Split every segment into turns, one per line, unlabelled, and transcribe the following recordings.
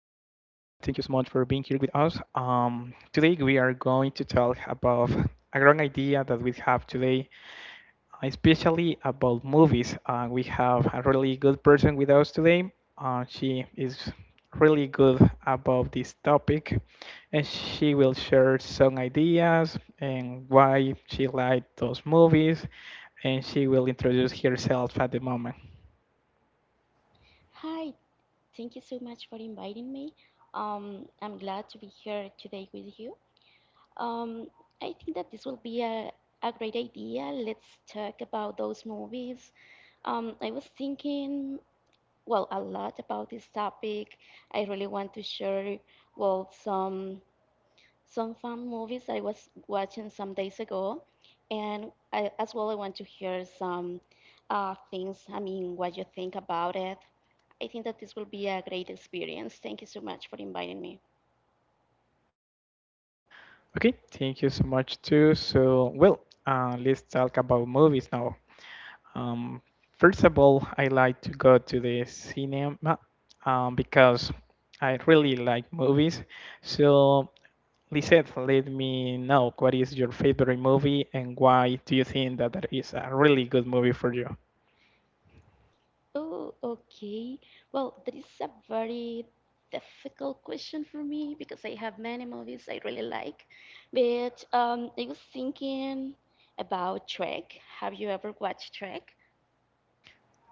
so much for being here with us. Today, we are going to talk about a grand idea that we have today, especially about movies. We have a really good person with us today. She is really good about this topic, and she will share some ideas and why she liked those movies, and she will introduce herself at the moment.
Hi, thank you so much for inviting me. I'm glad to be here today with you. Um, I think that this will be a great idea. Let's talk about those movies. I was thinking, well, a lot about this topic. I really want to share, well, some fun movies I was watching some days ago, and I, as well I want to hear some things. I mean, what you think about it. I think that this will be a great experience. Thank you so much for inviting me.
Okay, thank you so much too. So, well, let's talk about movies now. Um, first of all, I like to go to the cinema because I really like movies. So, Lisette, let me know what is your favorite movie and why do you think that that is a really good movie for you?
Oh, okay. Well, that is a very difficult question for me because I have many movies I really like. But I was thinking about Trek. Have you ever watched Trek?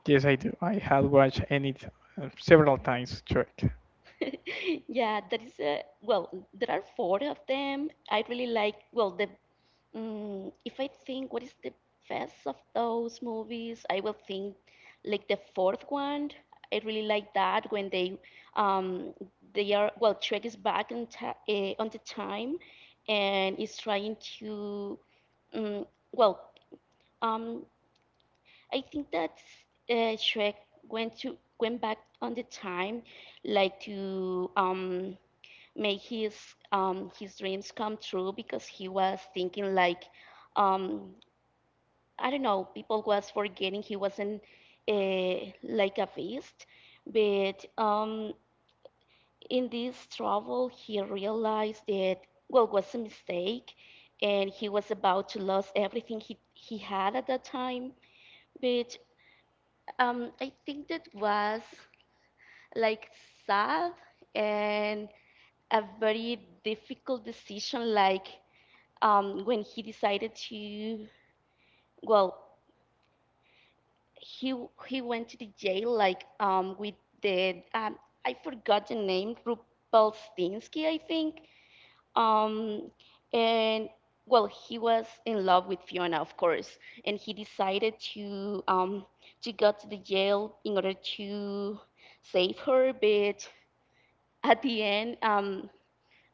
Yes, I do. I have watched it several times, Chuck.
Yeah, that is a well, there are four of them. I really like well the if I think what is the best of those movies, I will think like the fourth one. I really like that when they um they are well Trek is back on ta on the time and is trying to mm well um I think that Shrek went back on the time like to make his dreams come true because he was thinking like um, I don't know people was forgetting he wasn't a, like a beast but in this travel he realized that well was a mistake and he was about to lose everything he had at that time but I think that was like sad and a very difficult decision like when he decided to, well, he he went to the jail like with the I forgot the name Rupelstinsky, I think. Um, and well, he was in love with Fiona, of course, and he decided to go to the jail in order to save her. But at the end,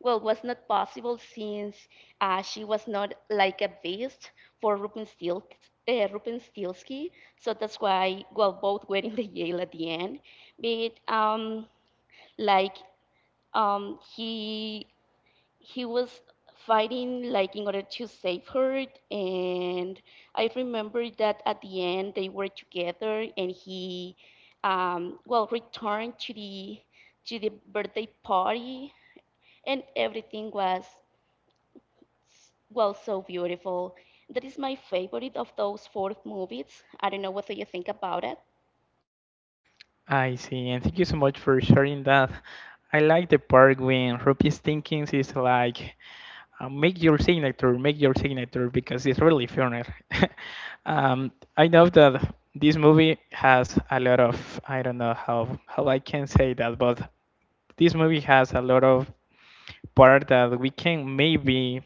well, was not possible since she was not like a beast for Rubenstiel, Rubenstielsky. So that's why, well, both were in the jail at the end. But like um, he he was fighting like in order to save her, and I remember that at the end they were together, and he well returned to the birthday party, and everything was well, so beautiful. That is my favorite of those four movies. I don't know what do you think about it.
I see, and thank you so much for sharing that. I like the part when Rupees thinking is like make your signature because it's really funny. um, I know that this movie has a lot of. I don't know how I can say that, but this movie has a lot of part that we can maybe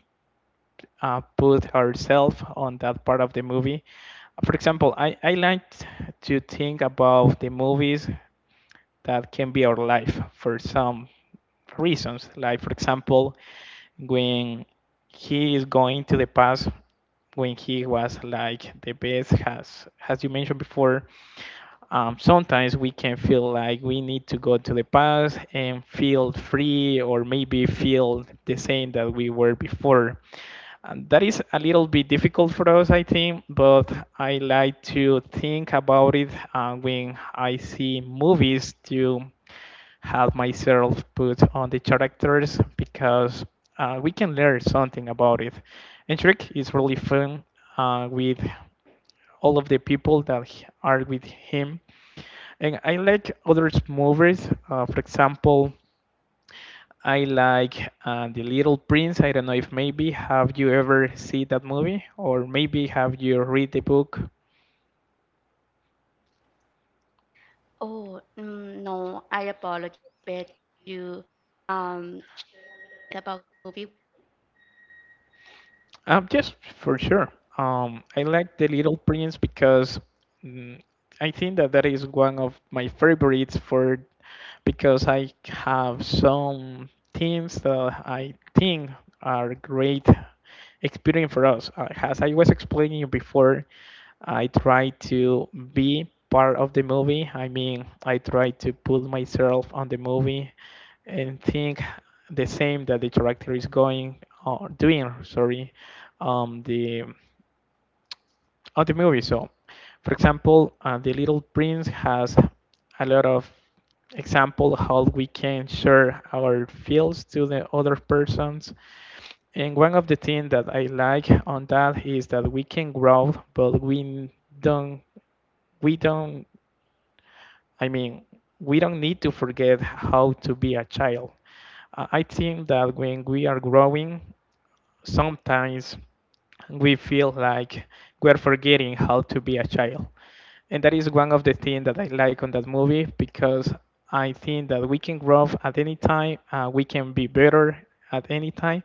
put ourselves on that part of the movie. For example, I like to think about the movies that can be our life for some reasons. Like, for example, when he is going to the past when he was like the best has, as you mentioned before, sometimes we can feel like we need to go to the past and feel free or maybe feel the same that we were before, and that is a little bit difficult for us, I think. But I like to think about it when I see movies, to have myself put on the characters because we can learn something about it. And Shrek is really fun with all of the people that are with him. And I like other movies. For example, I like The Little Prince. I don't know if maybe have you ever see that movie or maybe have you read the book?
Oh, no, I apologize, but you um about the movie.
Yes, for sure. I like The Little Prince because mm, I think that that is one of my favorites for because I have some things that I think are great experience for us. As I was explaining you before, I try to be part of the movie. I mean, I try to put myself on the movie and think the same that the character is going or doing. Sorry, the of the movie. So, for example, The Little Prince has a lot of example how we can share our feels to the other persons. And one of the things that I like on that is that we can grow, but don't, we don't, I mean, we don't need to forget how to be a child. I think that when we are growing, sometimes we feel like we're forgetting how to be a child. And that is one of the things that I like on that movie because I think that we can grow at any time, we can be better at any time,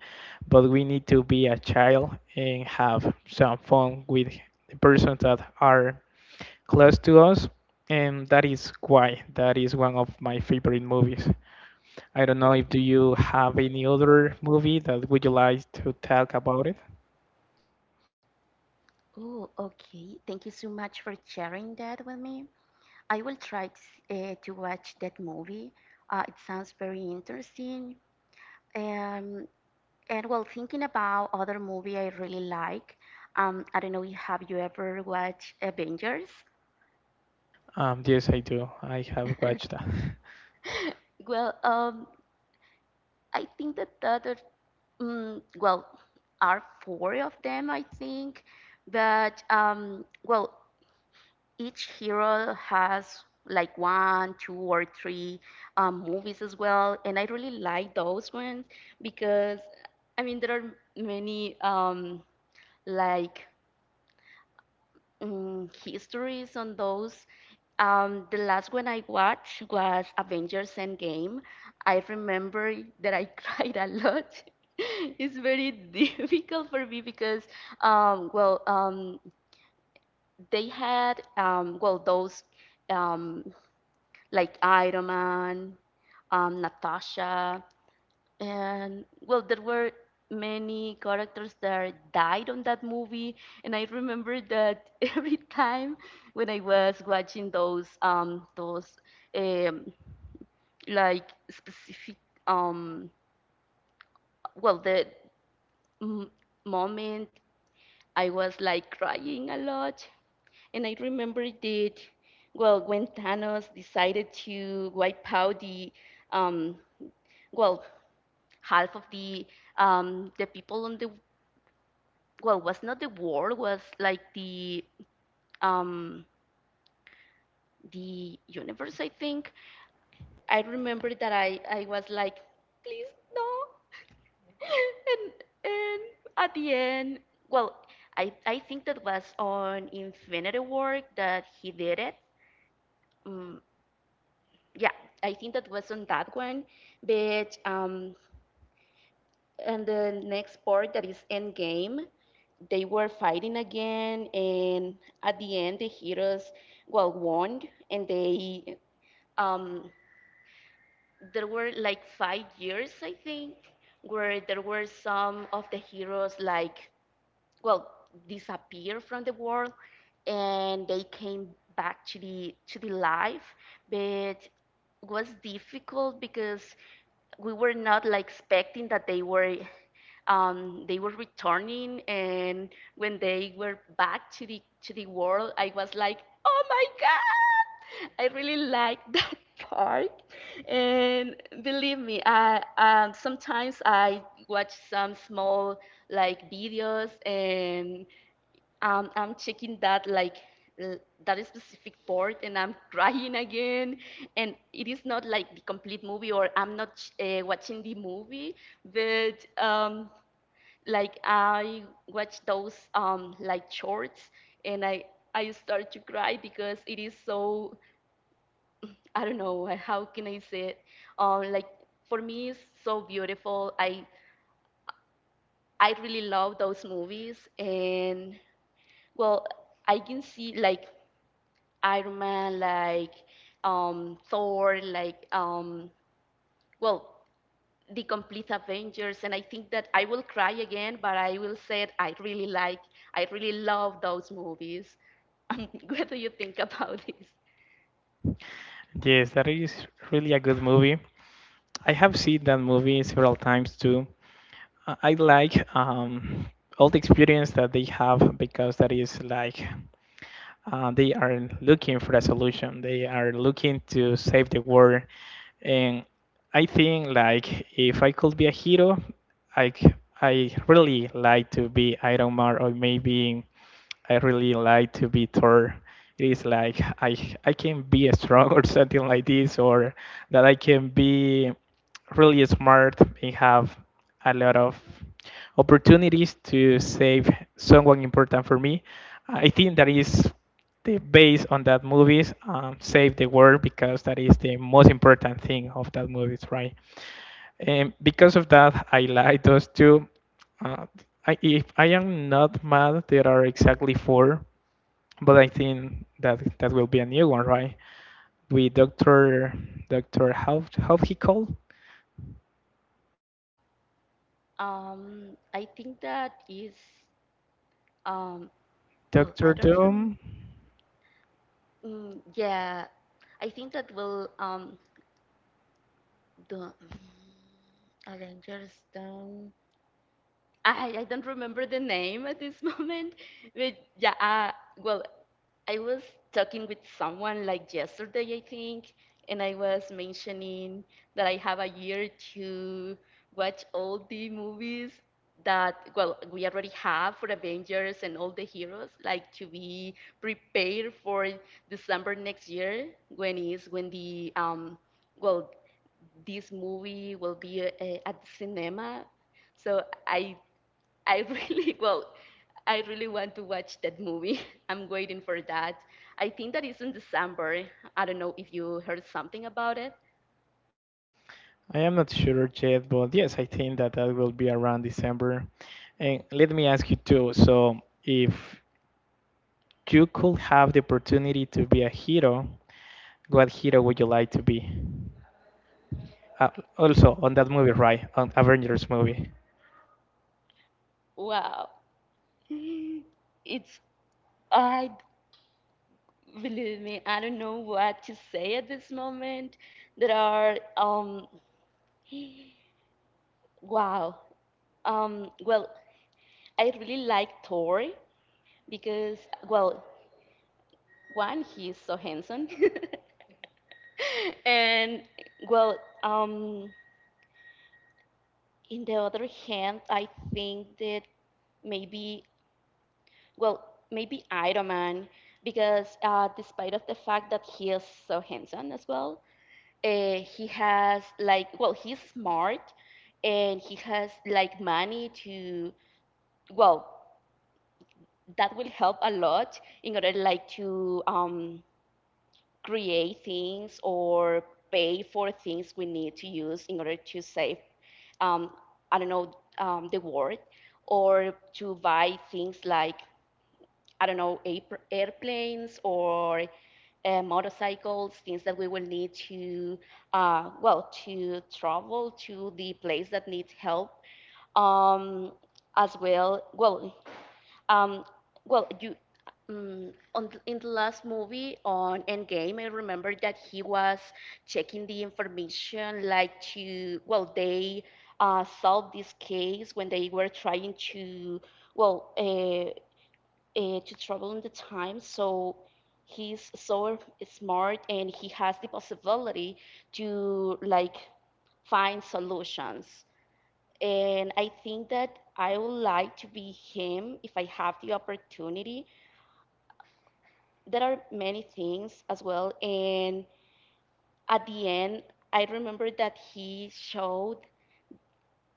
but we need to be a child and have some fun with the persons that are close to us. And that is why that is one of my favorite movies. I don't know if do you have any other movie that would you like to talk about it?
Oh, okay. Thank you so much for sharing that with me. I will try to, to watch that movie. It sounds very interesting. Um, and while thinking about other movie I really like, I don't know, have you ever watched Avengers?
Yes, I do. I have watched that.
Well, I think that the other, well, are four of them, I think. But, well, each hero has like one, two, or three movies as well. And I really like those ones because, I mean, there are many, like, histories on those. The last one I watched was Avengers Endgame. I remember that I cried a lot. It's very difficult for me because, well, they had, well, those um, like Iron Man, Natasha and well there were many characters that died on that movie and I remember that every time when I was watching those um like specific um well the m- moment I was like crying a lot and I remember that well when Thanos decided to wipe out the um well half of the people on the well was not the world was like um the universe I think I remember that I was like please no and and at the end well I think that was on Infinity War that he did it mm, yeah I think that was on that one but and the next part that is Endgame, they were fighting again, and at the end, the heroes well won, and they um there were like 5 years I think where there were some of the heroes like well disappear from the world, and they came back to the life, but was difficult because we were not like expecting that they were returning and when they were back to the world I was like oh my god I really like that part and believe me I sometimes I watch some small like videos and I'm checking that like l- that specific part and I'm crying again and it is not like the complete movie or I'm not watching the movie but like I watch those like shorts and I start to cry because it is so I don't know how can I say it like for me it's so beautiful I really love those movies and well I can see like Iron Man like Thor like well the complete Avengers and I think that I will cry again but I will say it, I really like I really love those movies what do you think about this
Yes, that is really a good movie. I have seen that movie several times too. I like all the experience that they have because that is like they are looking for a solution. They are looking to save the world, and I think like if I could be a hero, I c- I really like to be Iron Man or maybe I really like to be Thor. It is like I can be strong or something like this, or that I can be really smart and have a lot of opportunities to save someone important for me. I think that is they base on that movies, save the world because that is the most important thing of that movies, right? And because of that, I like those two. uh, if I am not mad, there are exactly four, but I think that that will be a new one, right? With dr dr how he called
um I think that is um well I
Dr.
don't rem-
Doom.
mm, yeah I think that will the Avengers down I don't remember the name at this moment, but yeah, well, I was talking with someone like yesterday, I think, and I was mentioning that I have a year to watch all the movies that, well, we already have for Avengers and all the heroes, like to be prepared for December next year when is when the well, this movie will be at the cinema. So I really, well, I really want to watch that movie. I'm waiting for that. I think that is in December. I don't know if you heard something about it.
I am not sure yet, but yes, I think that that will be around December. And let me ask you too, so if you could have the opportunity to be a hero, what hero would you like to be? Uh, also, on that movie, right? On Avengers movie.
Wow. It's, I, believe me, I don't know what to say at this moment. There are, wow. Well, I really like Thor because, well, one, he's so handsome. and, well, um, in the other hand, I think that maybe, well, maybe Iron Man, because despite of the fact that he is so handsome as well, he has like, well, he's smart, and he has like money to, well, that will help a lot in order like to create things or pay for things we need to use in order to save, um, I don't know, the world, or to buy things like, I don't know, airplanes or motorcycles, things that we will need to, well, to travel to the place that needs help. Um, as well, well, um, well, you in the last movie on Endgame, I remember that he was checking the information, like to well, they solved this case when they were trying to well to travel in the time. So he's so smart, and he has the possibility to like find solutions. And I think that I would like to be him if I have the opportunity. There are many things as well. And at the end, I remember that he showed,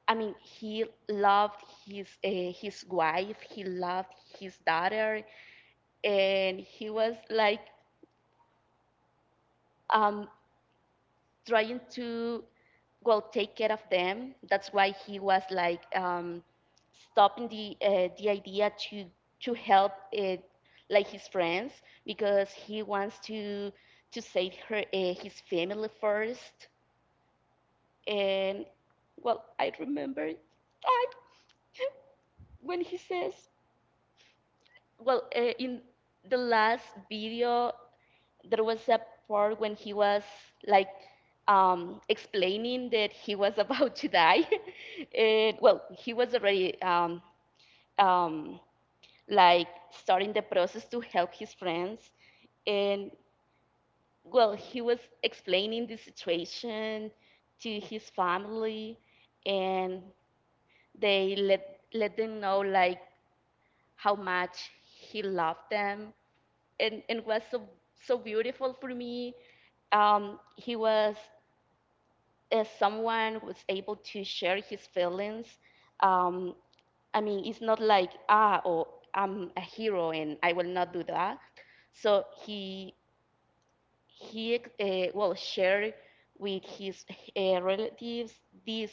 I mean, he loved his wife, he loved his daughter, and he was like, um, trying to well take care of them. That's why he was like stopping the idea to help like his friends because he wants to save her his family first. And well, I remember I when he says well in the last video there was a part when he was like explaining that he was about to die. and, well, he was already um, like starting the process to help his friends. And well, he was explaining the situation to his family, and they let them know like how much he loved them and was so, so beautiful for me. He was someone who was able to share his feelings. Um, I mean, it's not like, ah, oh, I'm a hero and I will not do that. So he well, shared with his relatives this,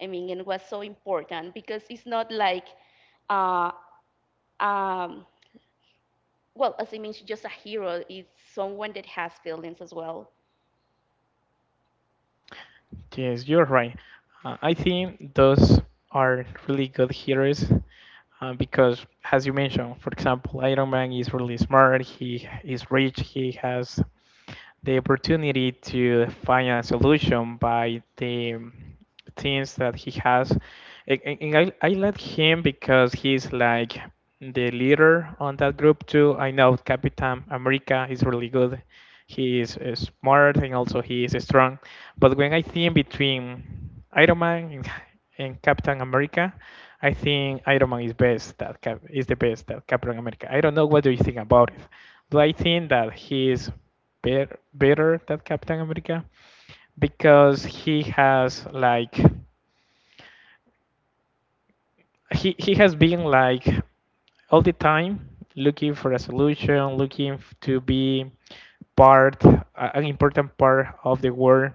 I mean, and it was so important because it's not like, uh, um, well, as I mentioned, just a hero is someone that has feelings as well.
Yes, you're right. I think those are really good heroes because, as you mentioned, for example, Iron Man is really smart. He is rich. He has the opportunity to find a solution by the things that he has. And, and- I let him because he's like the leader on that group too. I know Captain America is really good. He is smart and also he is strong. But when I think between Iron Man and Captain America, I think Iron Man is best. That Cap, is the best that Captain America. I don't know what do you think about it, but I think that he is better than Captain America because he has like he has been like all the time looking for a solution, looking to be part an important part of the world.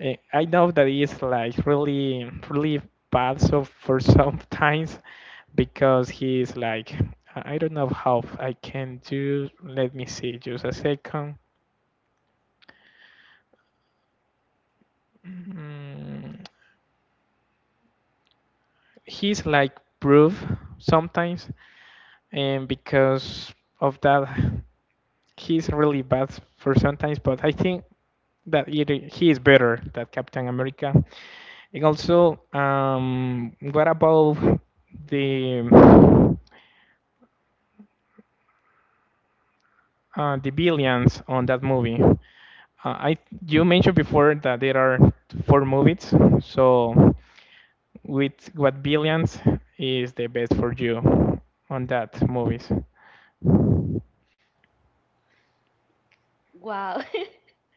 I know that it's like really really bad so for some times because he's like I don't know how I can do. Let me see, just a second. Mm, he's like proof sometimes, and because of that he's really bad for sometimes. But I think that he is better than Captain America. And also, what about the the billions on that movie? I you mentioned before that there are four movies, so with what billions is the best for you on that movies?
Wow.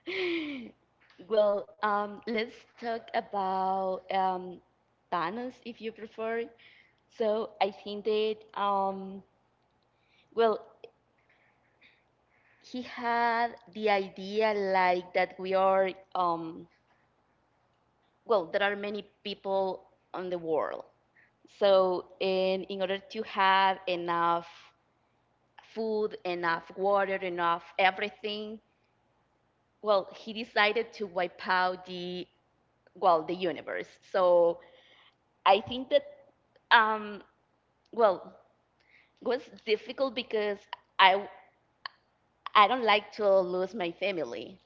Well, let's talk about Thanos if you prefer. So I think that, well, he had the idea like that we are, um, well, there are many people on the world. So in order to have enough food, enough water, enough everything, well, he decided to wipe out the well the universe so I think that um well it was difficult because I I don't like to lose my family.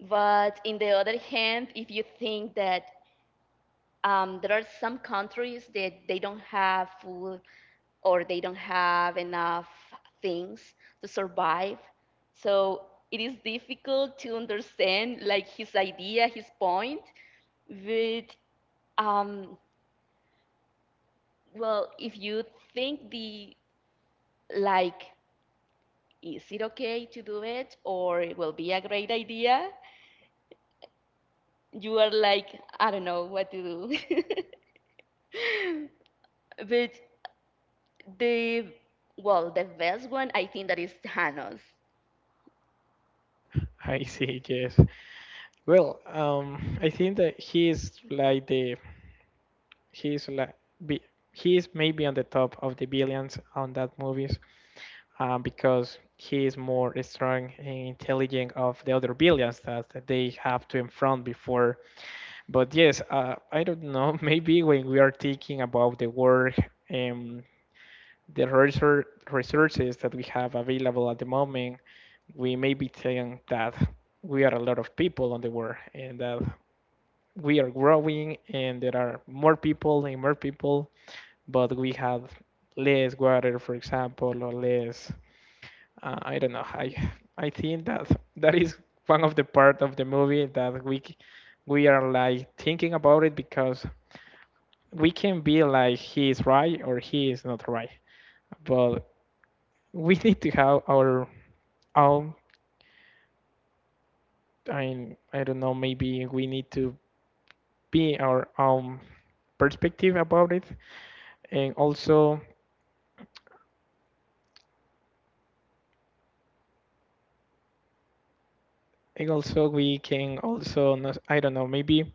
But in the other hand, if you think that there are some countries that they don't have food or they don't have enough things to survive, so it is difficult to understand like his idea, his point. But um, well, if you think the like is it okay to do it or it will be a great idea, you are like I don't know what to do. But the well the best one, I think, that is Thanos.
I see. Yes. Well, I think that he is like the he is like be, he is maybe on the top of the billions on that movies because he is more strong and intelligent of the other billions that they have to confront before. But yes, I don't know. Maybe when we are thinking about the work and the resources that we have available at the moment, we may be saying that we are a lot of people on the world and that we are growing and there are more people and more people, but we have less water, for example, or less. I don't know. I think that that is one of the part of the movie that we are like thinking about it because we can be like he is right or he is not right, but we need to have our own. I mean, I don't know. Maybe we need to be our own perspective about it. And also And also, we can also, not, I don't know, maybe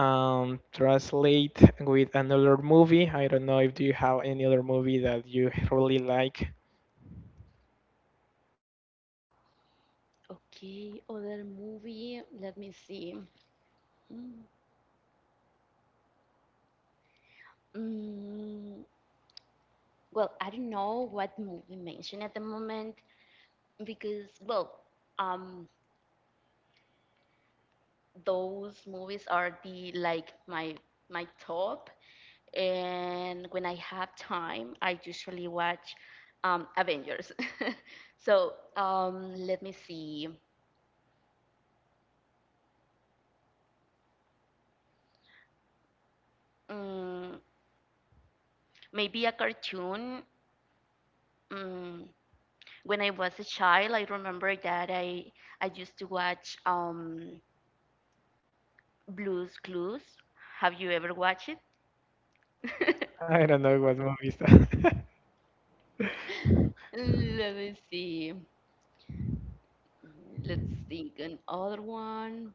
translate with another movie. I don't know if do you have any other movie that you really like.
Okay, other movie, let me see. Mm, mm, well, I don't know what movie mentioned at the moment because well um those movies are the like my top. And when I have time, I usually watch Avengers. So let me see, mm, maybe a cartoon. Mm, when I was a child, I remember that I used to watch Blues Clues. Have you ever watched it?
I don't know what movie is that.
Let me see. Let's think another one.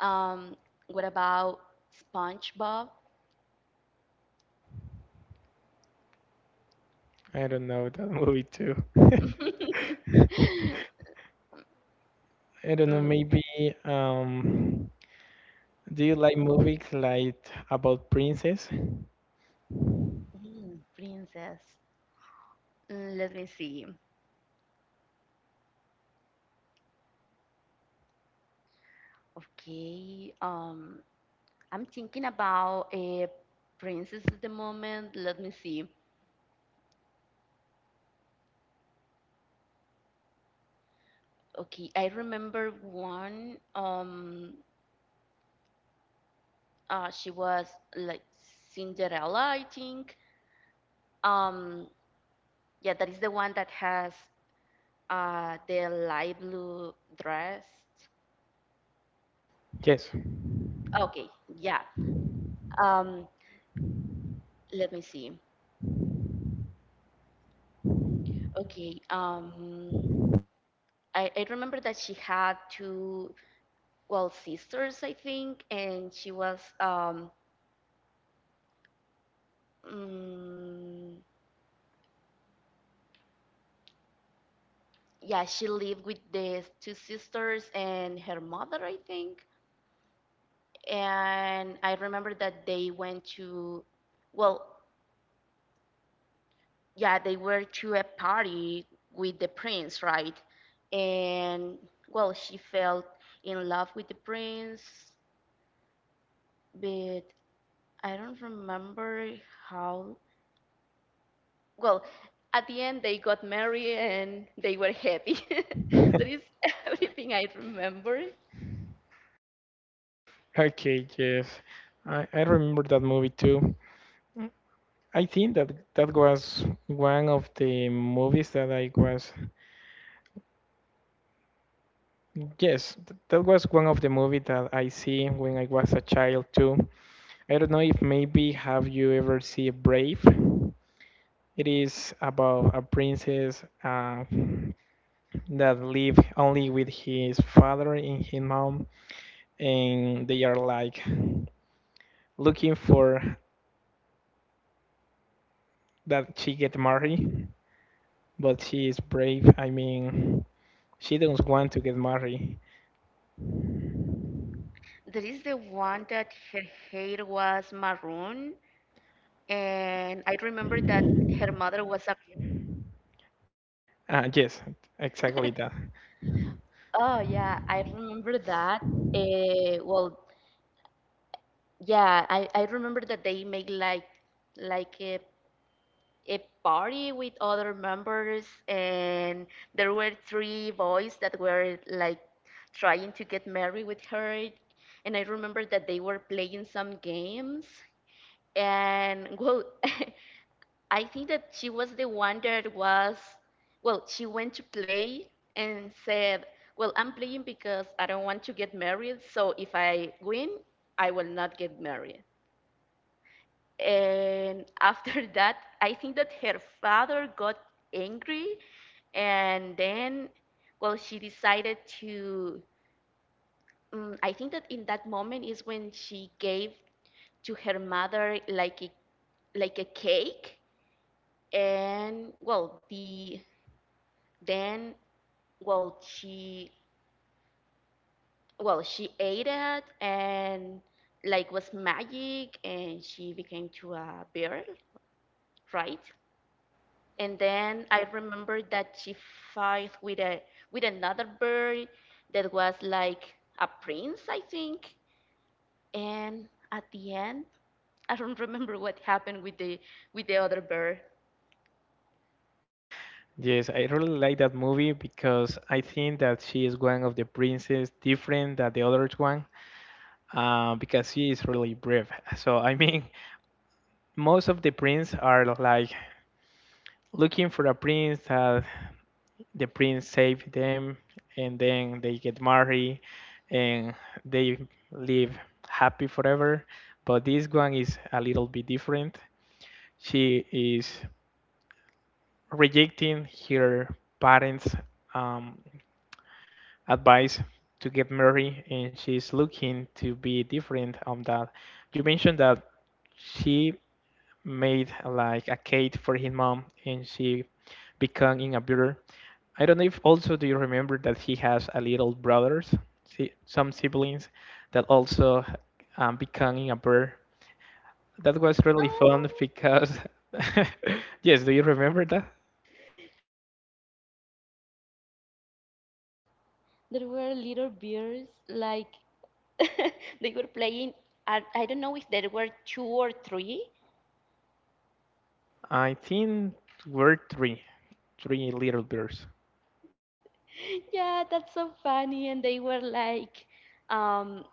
Um, what about SpongeBob?
I don't know that movie too. I don't know,
Mm.
maybe um, do you like movies like about princess?
Princess. Let me see. Okay. I'm thinking about a princess at the moment. Let me see. Okay, I remember one. She was like Cinderella, I think. Um, yeah, that is the one that has the light blue dress.
Yes.
Okay, yeah. Um, let me see. Okay. I remember that she had two, well, sisters, I think, and she was, mm, yeah, she lived with the two sisters and her mother, I think. And I remember that they went to, well, yeah, they were to a party with the prince, right? And, well, she fell in love with the prince, but I don't remember how. Well, at the end, they got married and they were happy. That is everything I remember.
Okay, yes. I remember that movie too. I think that that was one of the movies that I was, yes, that was one of the movie that I see when I was a child too. I don't know if maybe have you ever see Brave? It is about a princess that live only with his father and his mom, and they are like looking for that she get married, but she is brave. I mean, she don't want to get married.
There is the one that her hair was maroon, and I remember that her mother was a—
Yes, exactly that.
Oh yeah, I remember that. Well, yeah, I remember that they make like like a a party with other members, and there were three boys that were like trying to get married with her. And I remember that they were playing some games. And well, I think that she was the one that was well she went to play and said, well, I'm playing because I don't want to get married, so if I win, I will not get married. And after that, I think that her father got angry. And then well, she decided to I think that in that moment is when she gave to her mother like a cake, and well the then well she well she ate it, and like was magic, and she became to a bear, right? And then I remember that she fight with a with another bird that was like a prince, I think. And at the end, I don't remember what happened with the other bird.
Yes, I really like that movie because I think that she is one of the princess different than the other one because she is really brave. So, I mean, most of the prince are like looking for a prince that the prince save them and then they get married and they live happy forever. But this one is a little bit different. She is rejecting her parents' um, advice to get married, and she's looking to be different on that. You mentioned that she made like a cake for his mom, and she became in a builder. I don't know if also do you remember that he has a little brothers, some siblings that also becoming a bear. That was really fun
Oh,
because yes, do you remember that?
there were little birds like they were playing. I don't know if there were two or three.
I think were three little birds.
Yeah, that's so funny. And they were like, um,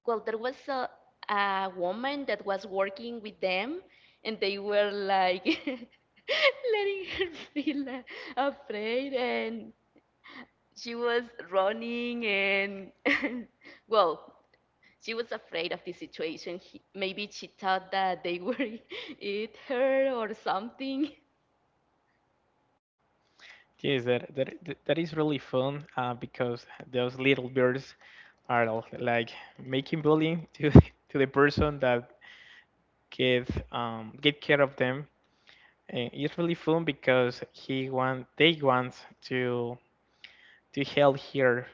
well, there was a woman that was working with them, and they were like letting her feel afraid, and she was running, and well, she was afraid of the situation. Maybe she thought that they would eat her or something.
Yes, that is really fun because those little birds are like making bullying to to the person that get get care of them. And it's really fun because he want they want to help her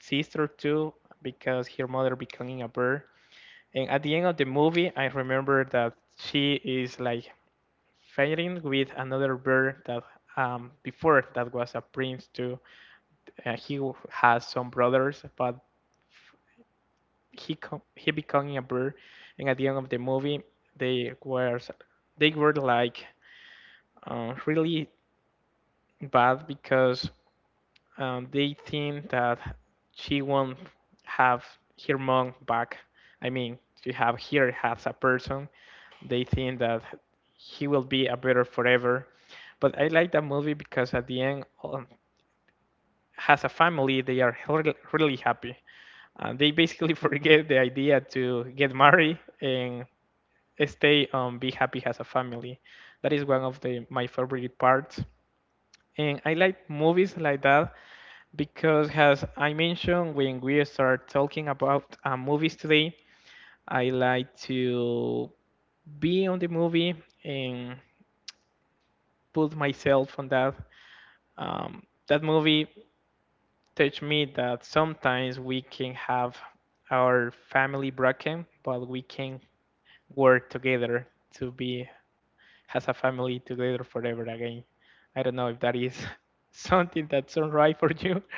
sister too because her mother becoming a bird. And at the end of the movie, I remember that she is like fighting with another bird that before that was a prince too. He has some brothers, but he he becoming a bird, and at the end of the movie, they were they were like really bad because they think that she won't have her mom back. I mean, to have her as a person, they think that he will be a better forever. But I like that movie because at the end, as a family, they are really, really happy. And they basically forget the idea to get married and stay be happy as a family. That is one of the my favorite parts. And I like movies like that because, as I mentioned, when we start talking about movies today, I like to be on the movie and put myself on that. Um, that movie taught me that sometimes we can have our family broken, but we can work together to be as a family together forever again. I don't know if that is something that sounds right for you.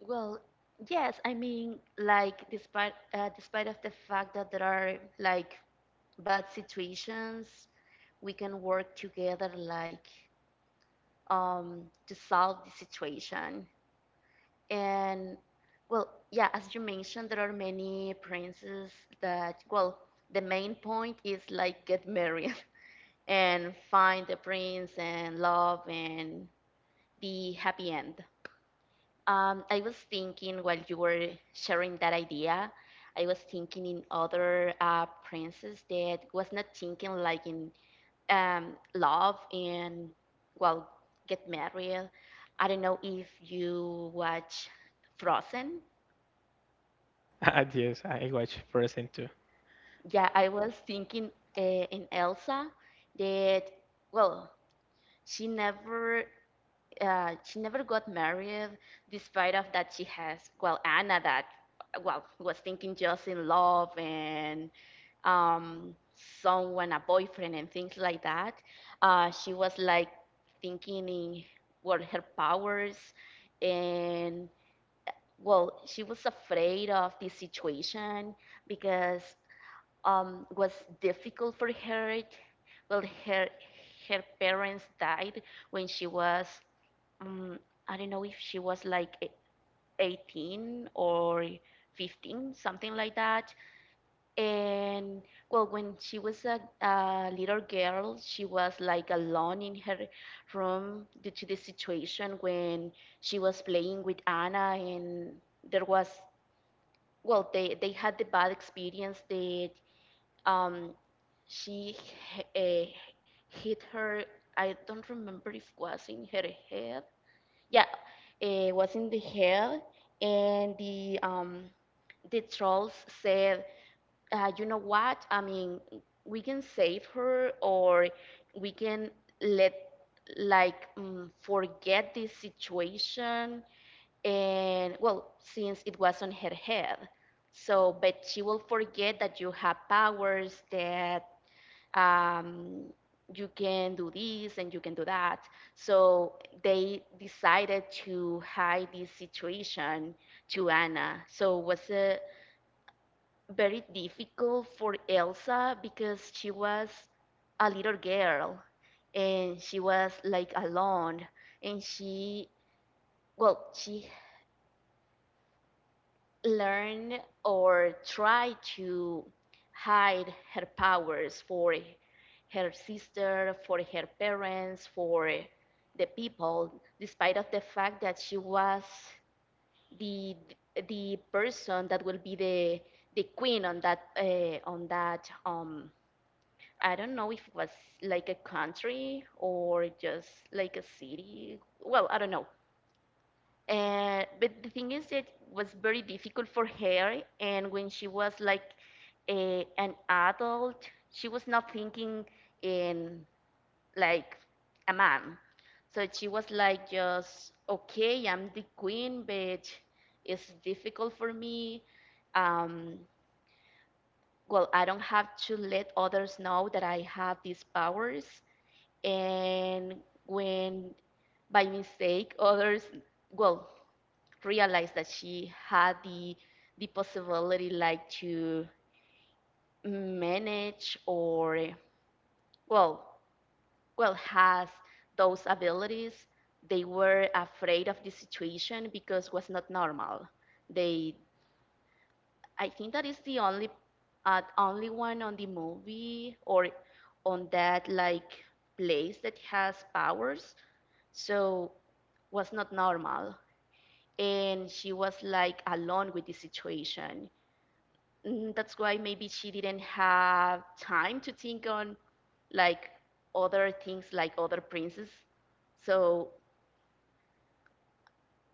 Well, yes, I mean, like despite of the fact that there are like bad situations, we can work together like to solve the situation. And well, yeah, as you mentioned, there are many princes that well, the main point is like get married and find the prince and love and be happy end. I was thinking while you were sharing that idea, I was thinking in other princess that was not thinking like in love and well get married. I don't know if you watch Frozen.
Ah, yes, I was present too.
Yeah, I was thinking uh, in Elsa that well she never she never got married despite of that she has well Anna that well was thinking just in love and um, someone, a boyfriend, and things like that. She was like thinking in what her powers, and well she was afraid of this situation because was difficult for her. Well, her parents died when she was um, I don't know if she was like 18 or 15, something like that. And well, when she was a little girl, she was like alone in her room due to the situation when she was playing with Anna, and there was well, they had the bad experience that um she uh, hit her. I don't remember if it was in her head. Yeah, it was in the head. And the trolls said, you know what I mean, we can save her or we can let like forget this situation. And well, since it was on her head. So, but she will forget that you have powers, that um, you can do this and you can do that. So, they decided to hide this situation to Anna. So, it was very difficult for Elsa because she was a little girl and she was like alone, and she well she learn or try to hide her powers for her sister, for her parents, for the people, despite of the fact that she was the the person that will be the queen on that I don't know if it was like a country or just like a city. Well, I don't know. But the thing is, it was very difficult for her. And when she was like an adult, she was not thinking in like a man. So she was like, just, okay, I'm the queen, but it's difficult for me. Um, well, I don't have to let others know that I have these powers. And when by mistake others well realized that she had the possibility like to manage or well well has those abilities, they were afraid of the situation because was not normal. They, I think that is the only only one on the movie or on that like place that has powers. So was not normal, and she was like alone with the situation. That's why maybe she didn't have time to think on like other things like other princes. So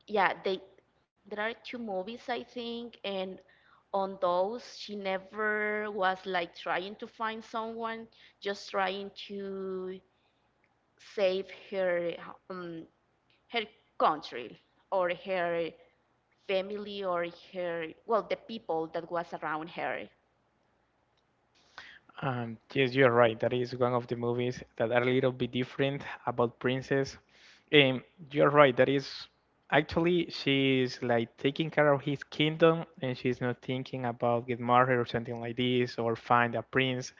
yeah, they there are two movies, I think, and on those she never was like trying to find someone, just trying to save her um, her country or her family or her well the people that was around her.
Yes, you're right. That is one of the movies that are a little bit different about Princess. Um, you're right. That is actually she's like taking care of his kingdom, and she's not thinking about get married or something like this, or find a prince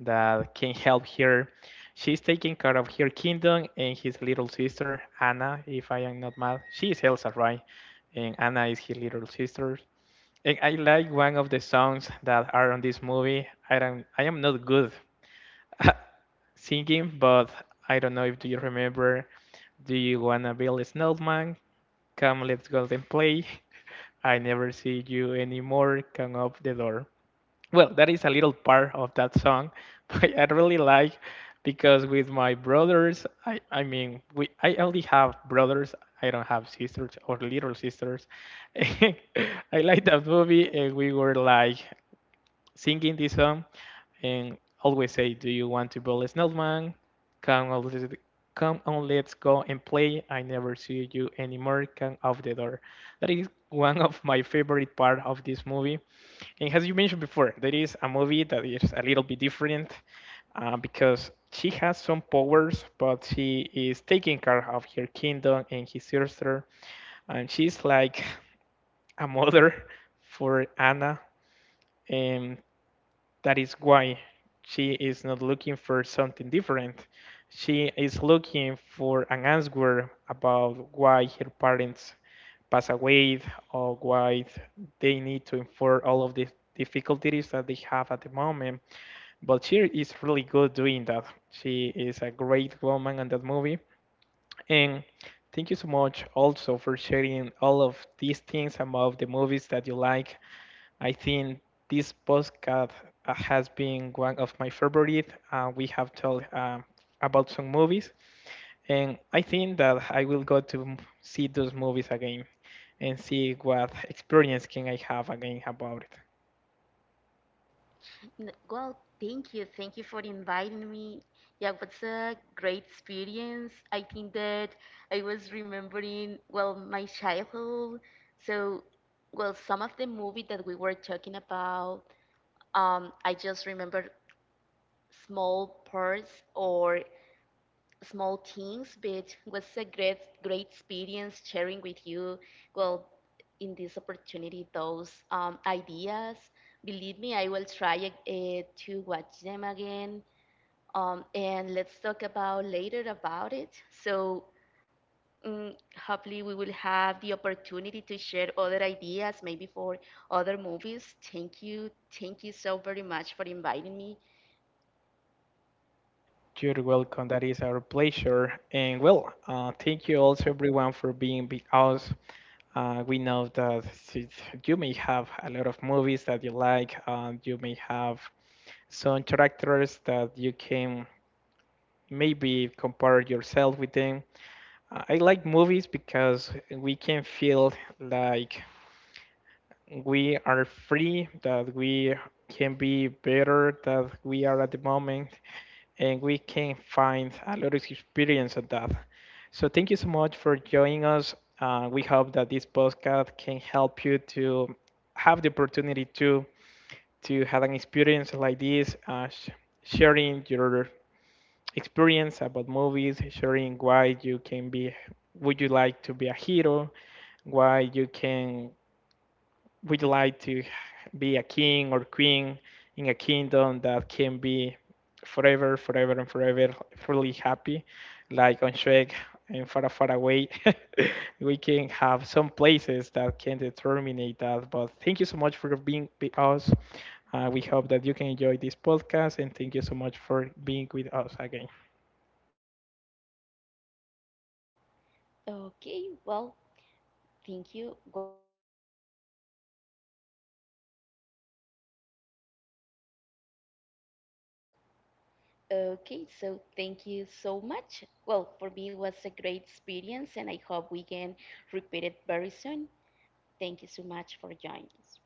that can help her. She's taking care of her kingdom and his little sister Anna, if I am not mad. She is Elsa, right? And Anna is his little sister. And I like one of the songs that are on this movie. I am not good at singing, but I don't know if do you remember, do you wanna build a snowman? Come let's go and play. I never see you anymore. Come up the door. Well, that is a little part of that song, but I really like because with my brothers, I mean we I only have brothers. I don't have sisters or little sisters. I like that movie, and we were like singing this song and always say, do you want to build a snowman? Come on, let's, come on, let's go and play. I never see you anymore. Come off the door. That is one of my favorite part of this movie. And as you mentioned before, there is a movie that is a little bit different because she has some powers, but she is taking care of her kingdom and his sister, and she's like a mother for Anna. And that is why she is not looking for something different. She is looking for an answer about why her parents pass away or why they need to endure all of the difficulties that they have at the moment. But she is really good doing that. She is a great woman in that movie. And thank you so much also for sharing all of these things about the movies that you like. I think this podcast has been one of my favorite. We have talked about some movies, and I think that I will go to see those movies again and see what experience can I have again about it.
Well, thank you. Thank you for inviting me. Yeah, what's a great experience. I think that I was remembering, well, my childhood. So, well, some of the movie that we were talking about, I just remember small parts or small things, but was a great great experience sharing with you. Well, in this opportunity, those ideas. Believe me, I will try to watch them again. And let's talk about later about it. So mm, hopefully we will have the opportunity to share other ideas, maybe for other movies. Thank you so very much for inviting me.
You're welcome. That is our pleasure. And well, thank you also everyone for being with us. We know that you may have a lot of movies that you like. You may have some characters that you can maybe compare yourself with them. I like movies because we can feel like we are free, that we can be better, than we are at the moment, and we can find a lot of experience on that. So thank you so much for joining us. We hope that this podcast can help you to have the opportunity to have an experience like this, sharing your experience about movies, sharing why you can be, would you like to be a hero, why you can, would you like to be a king or queen in a kingdom that can be forever, forever and forever, really happy, like on Shrek and far, far away. We can have some places that can determine that. But thank you so much for being with us. We hope that you can enjoy this podcast, and thank you so much for being with us again.
Okay, well, thank you. Okay, so thank you so much. Well, for me, it was a great experience, and I hope we can repeat it very soon. Thank you so much for joining us.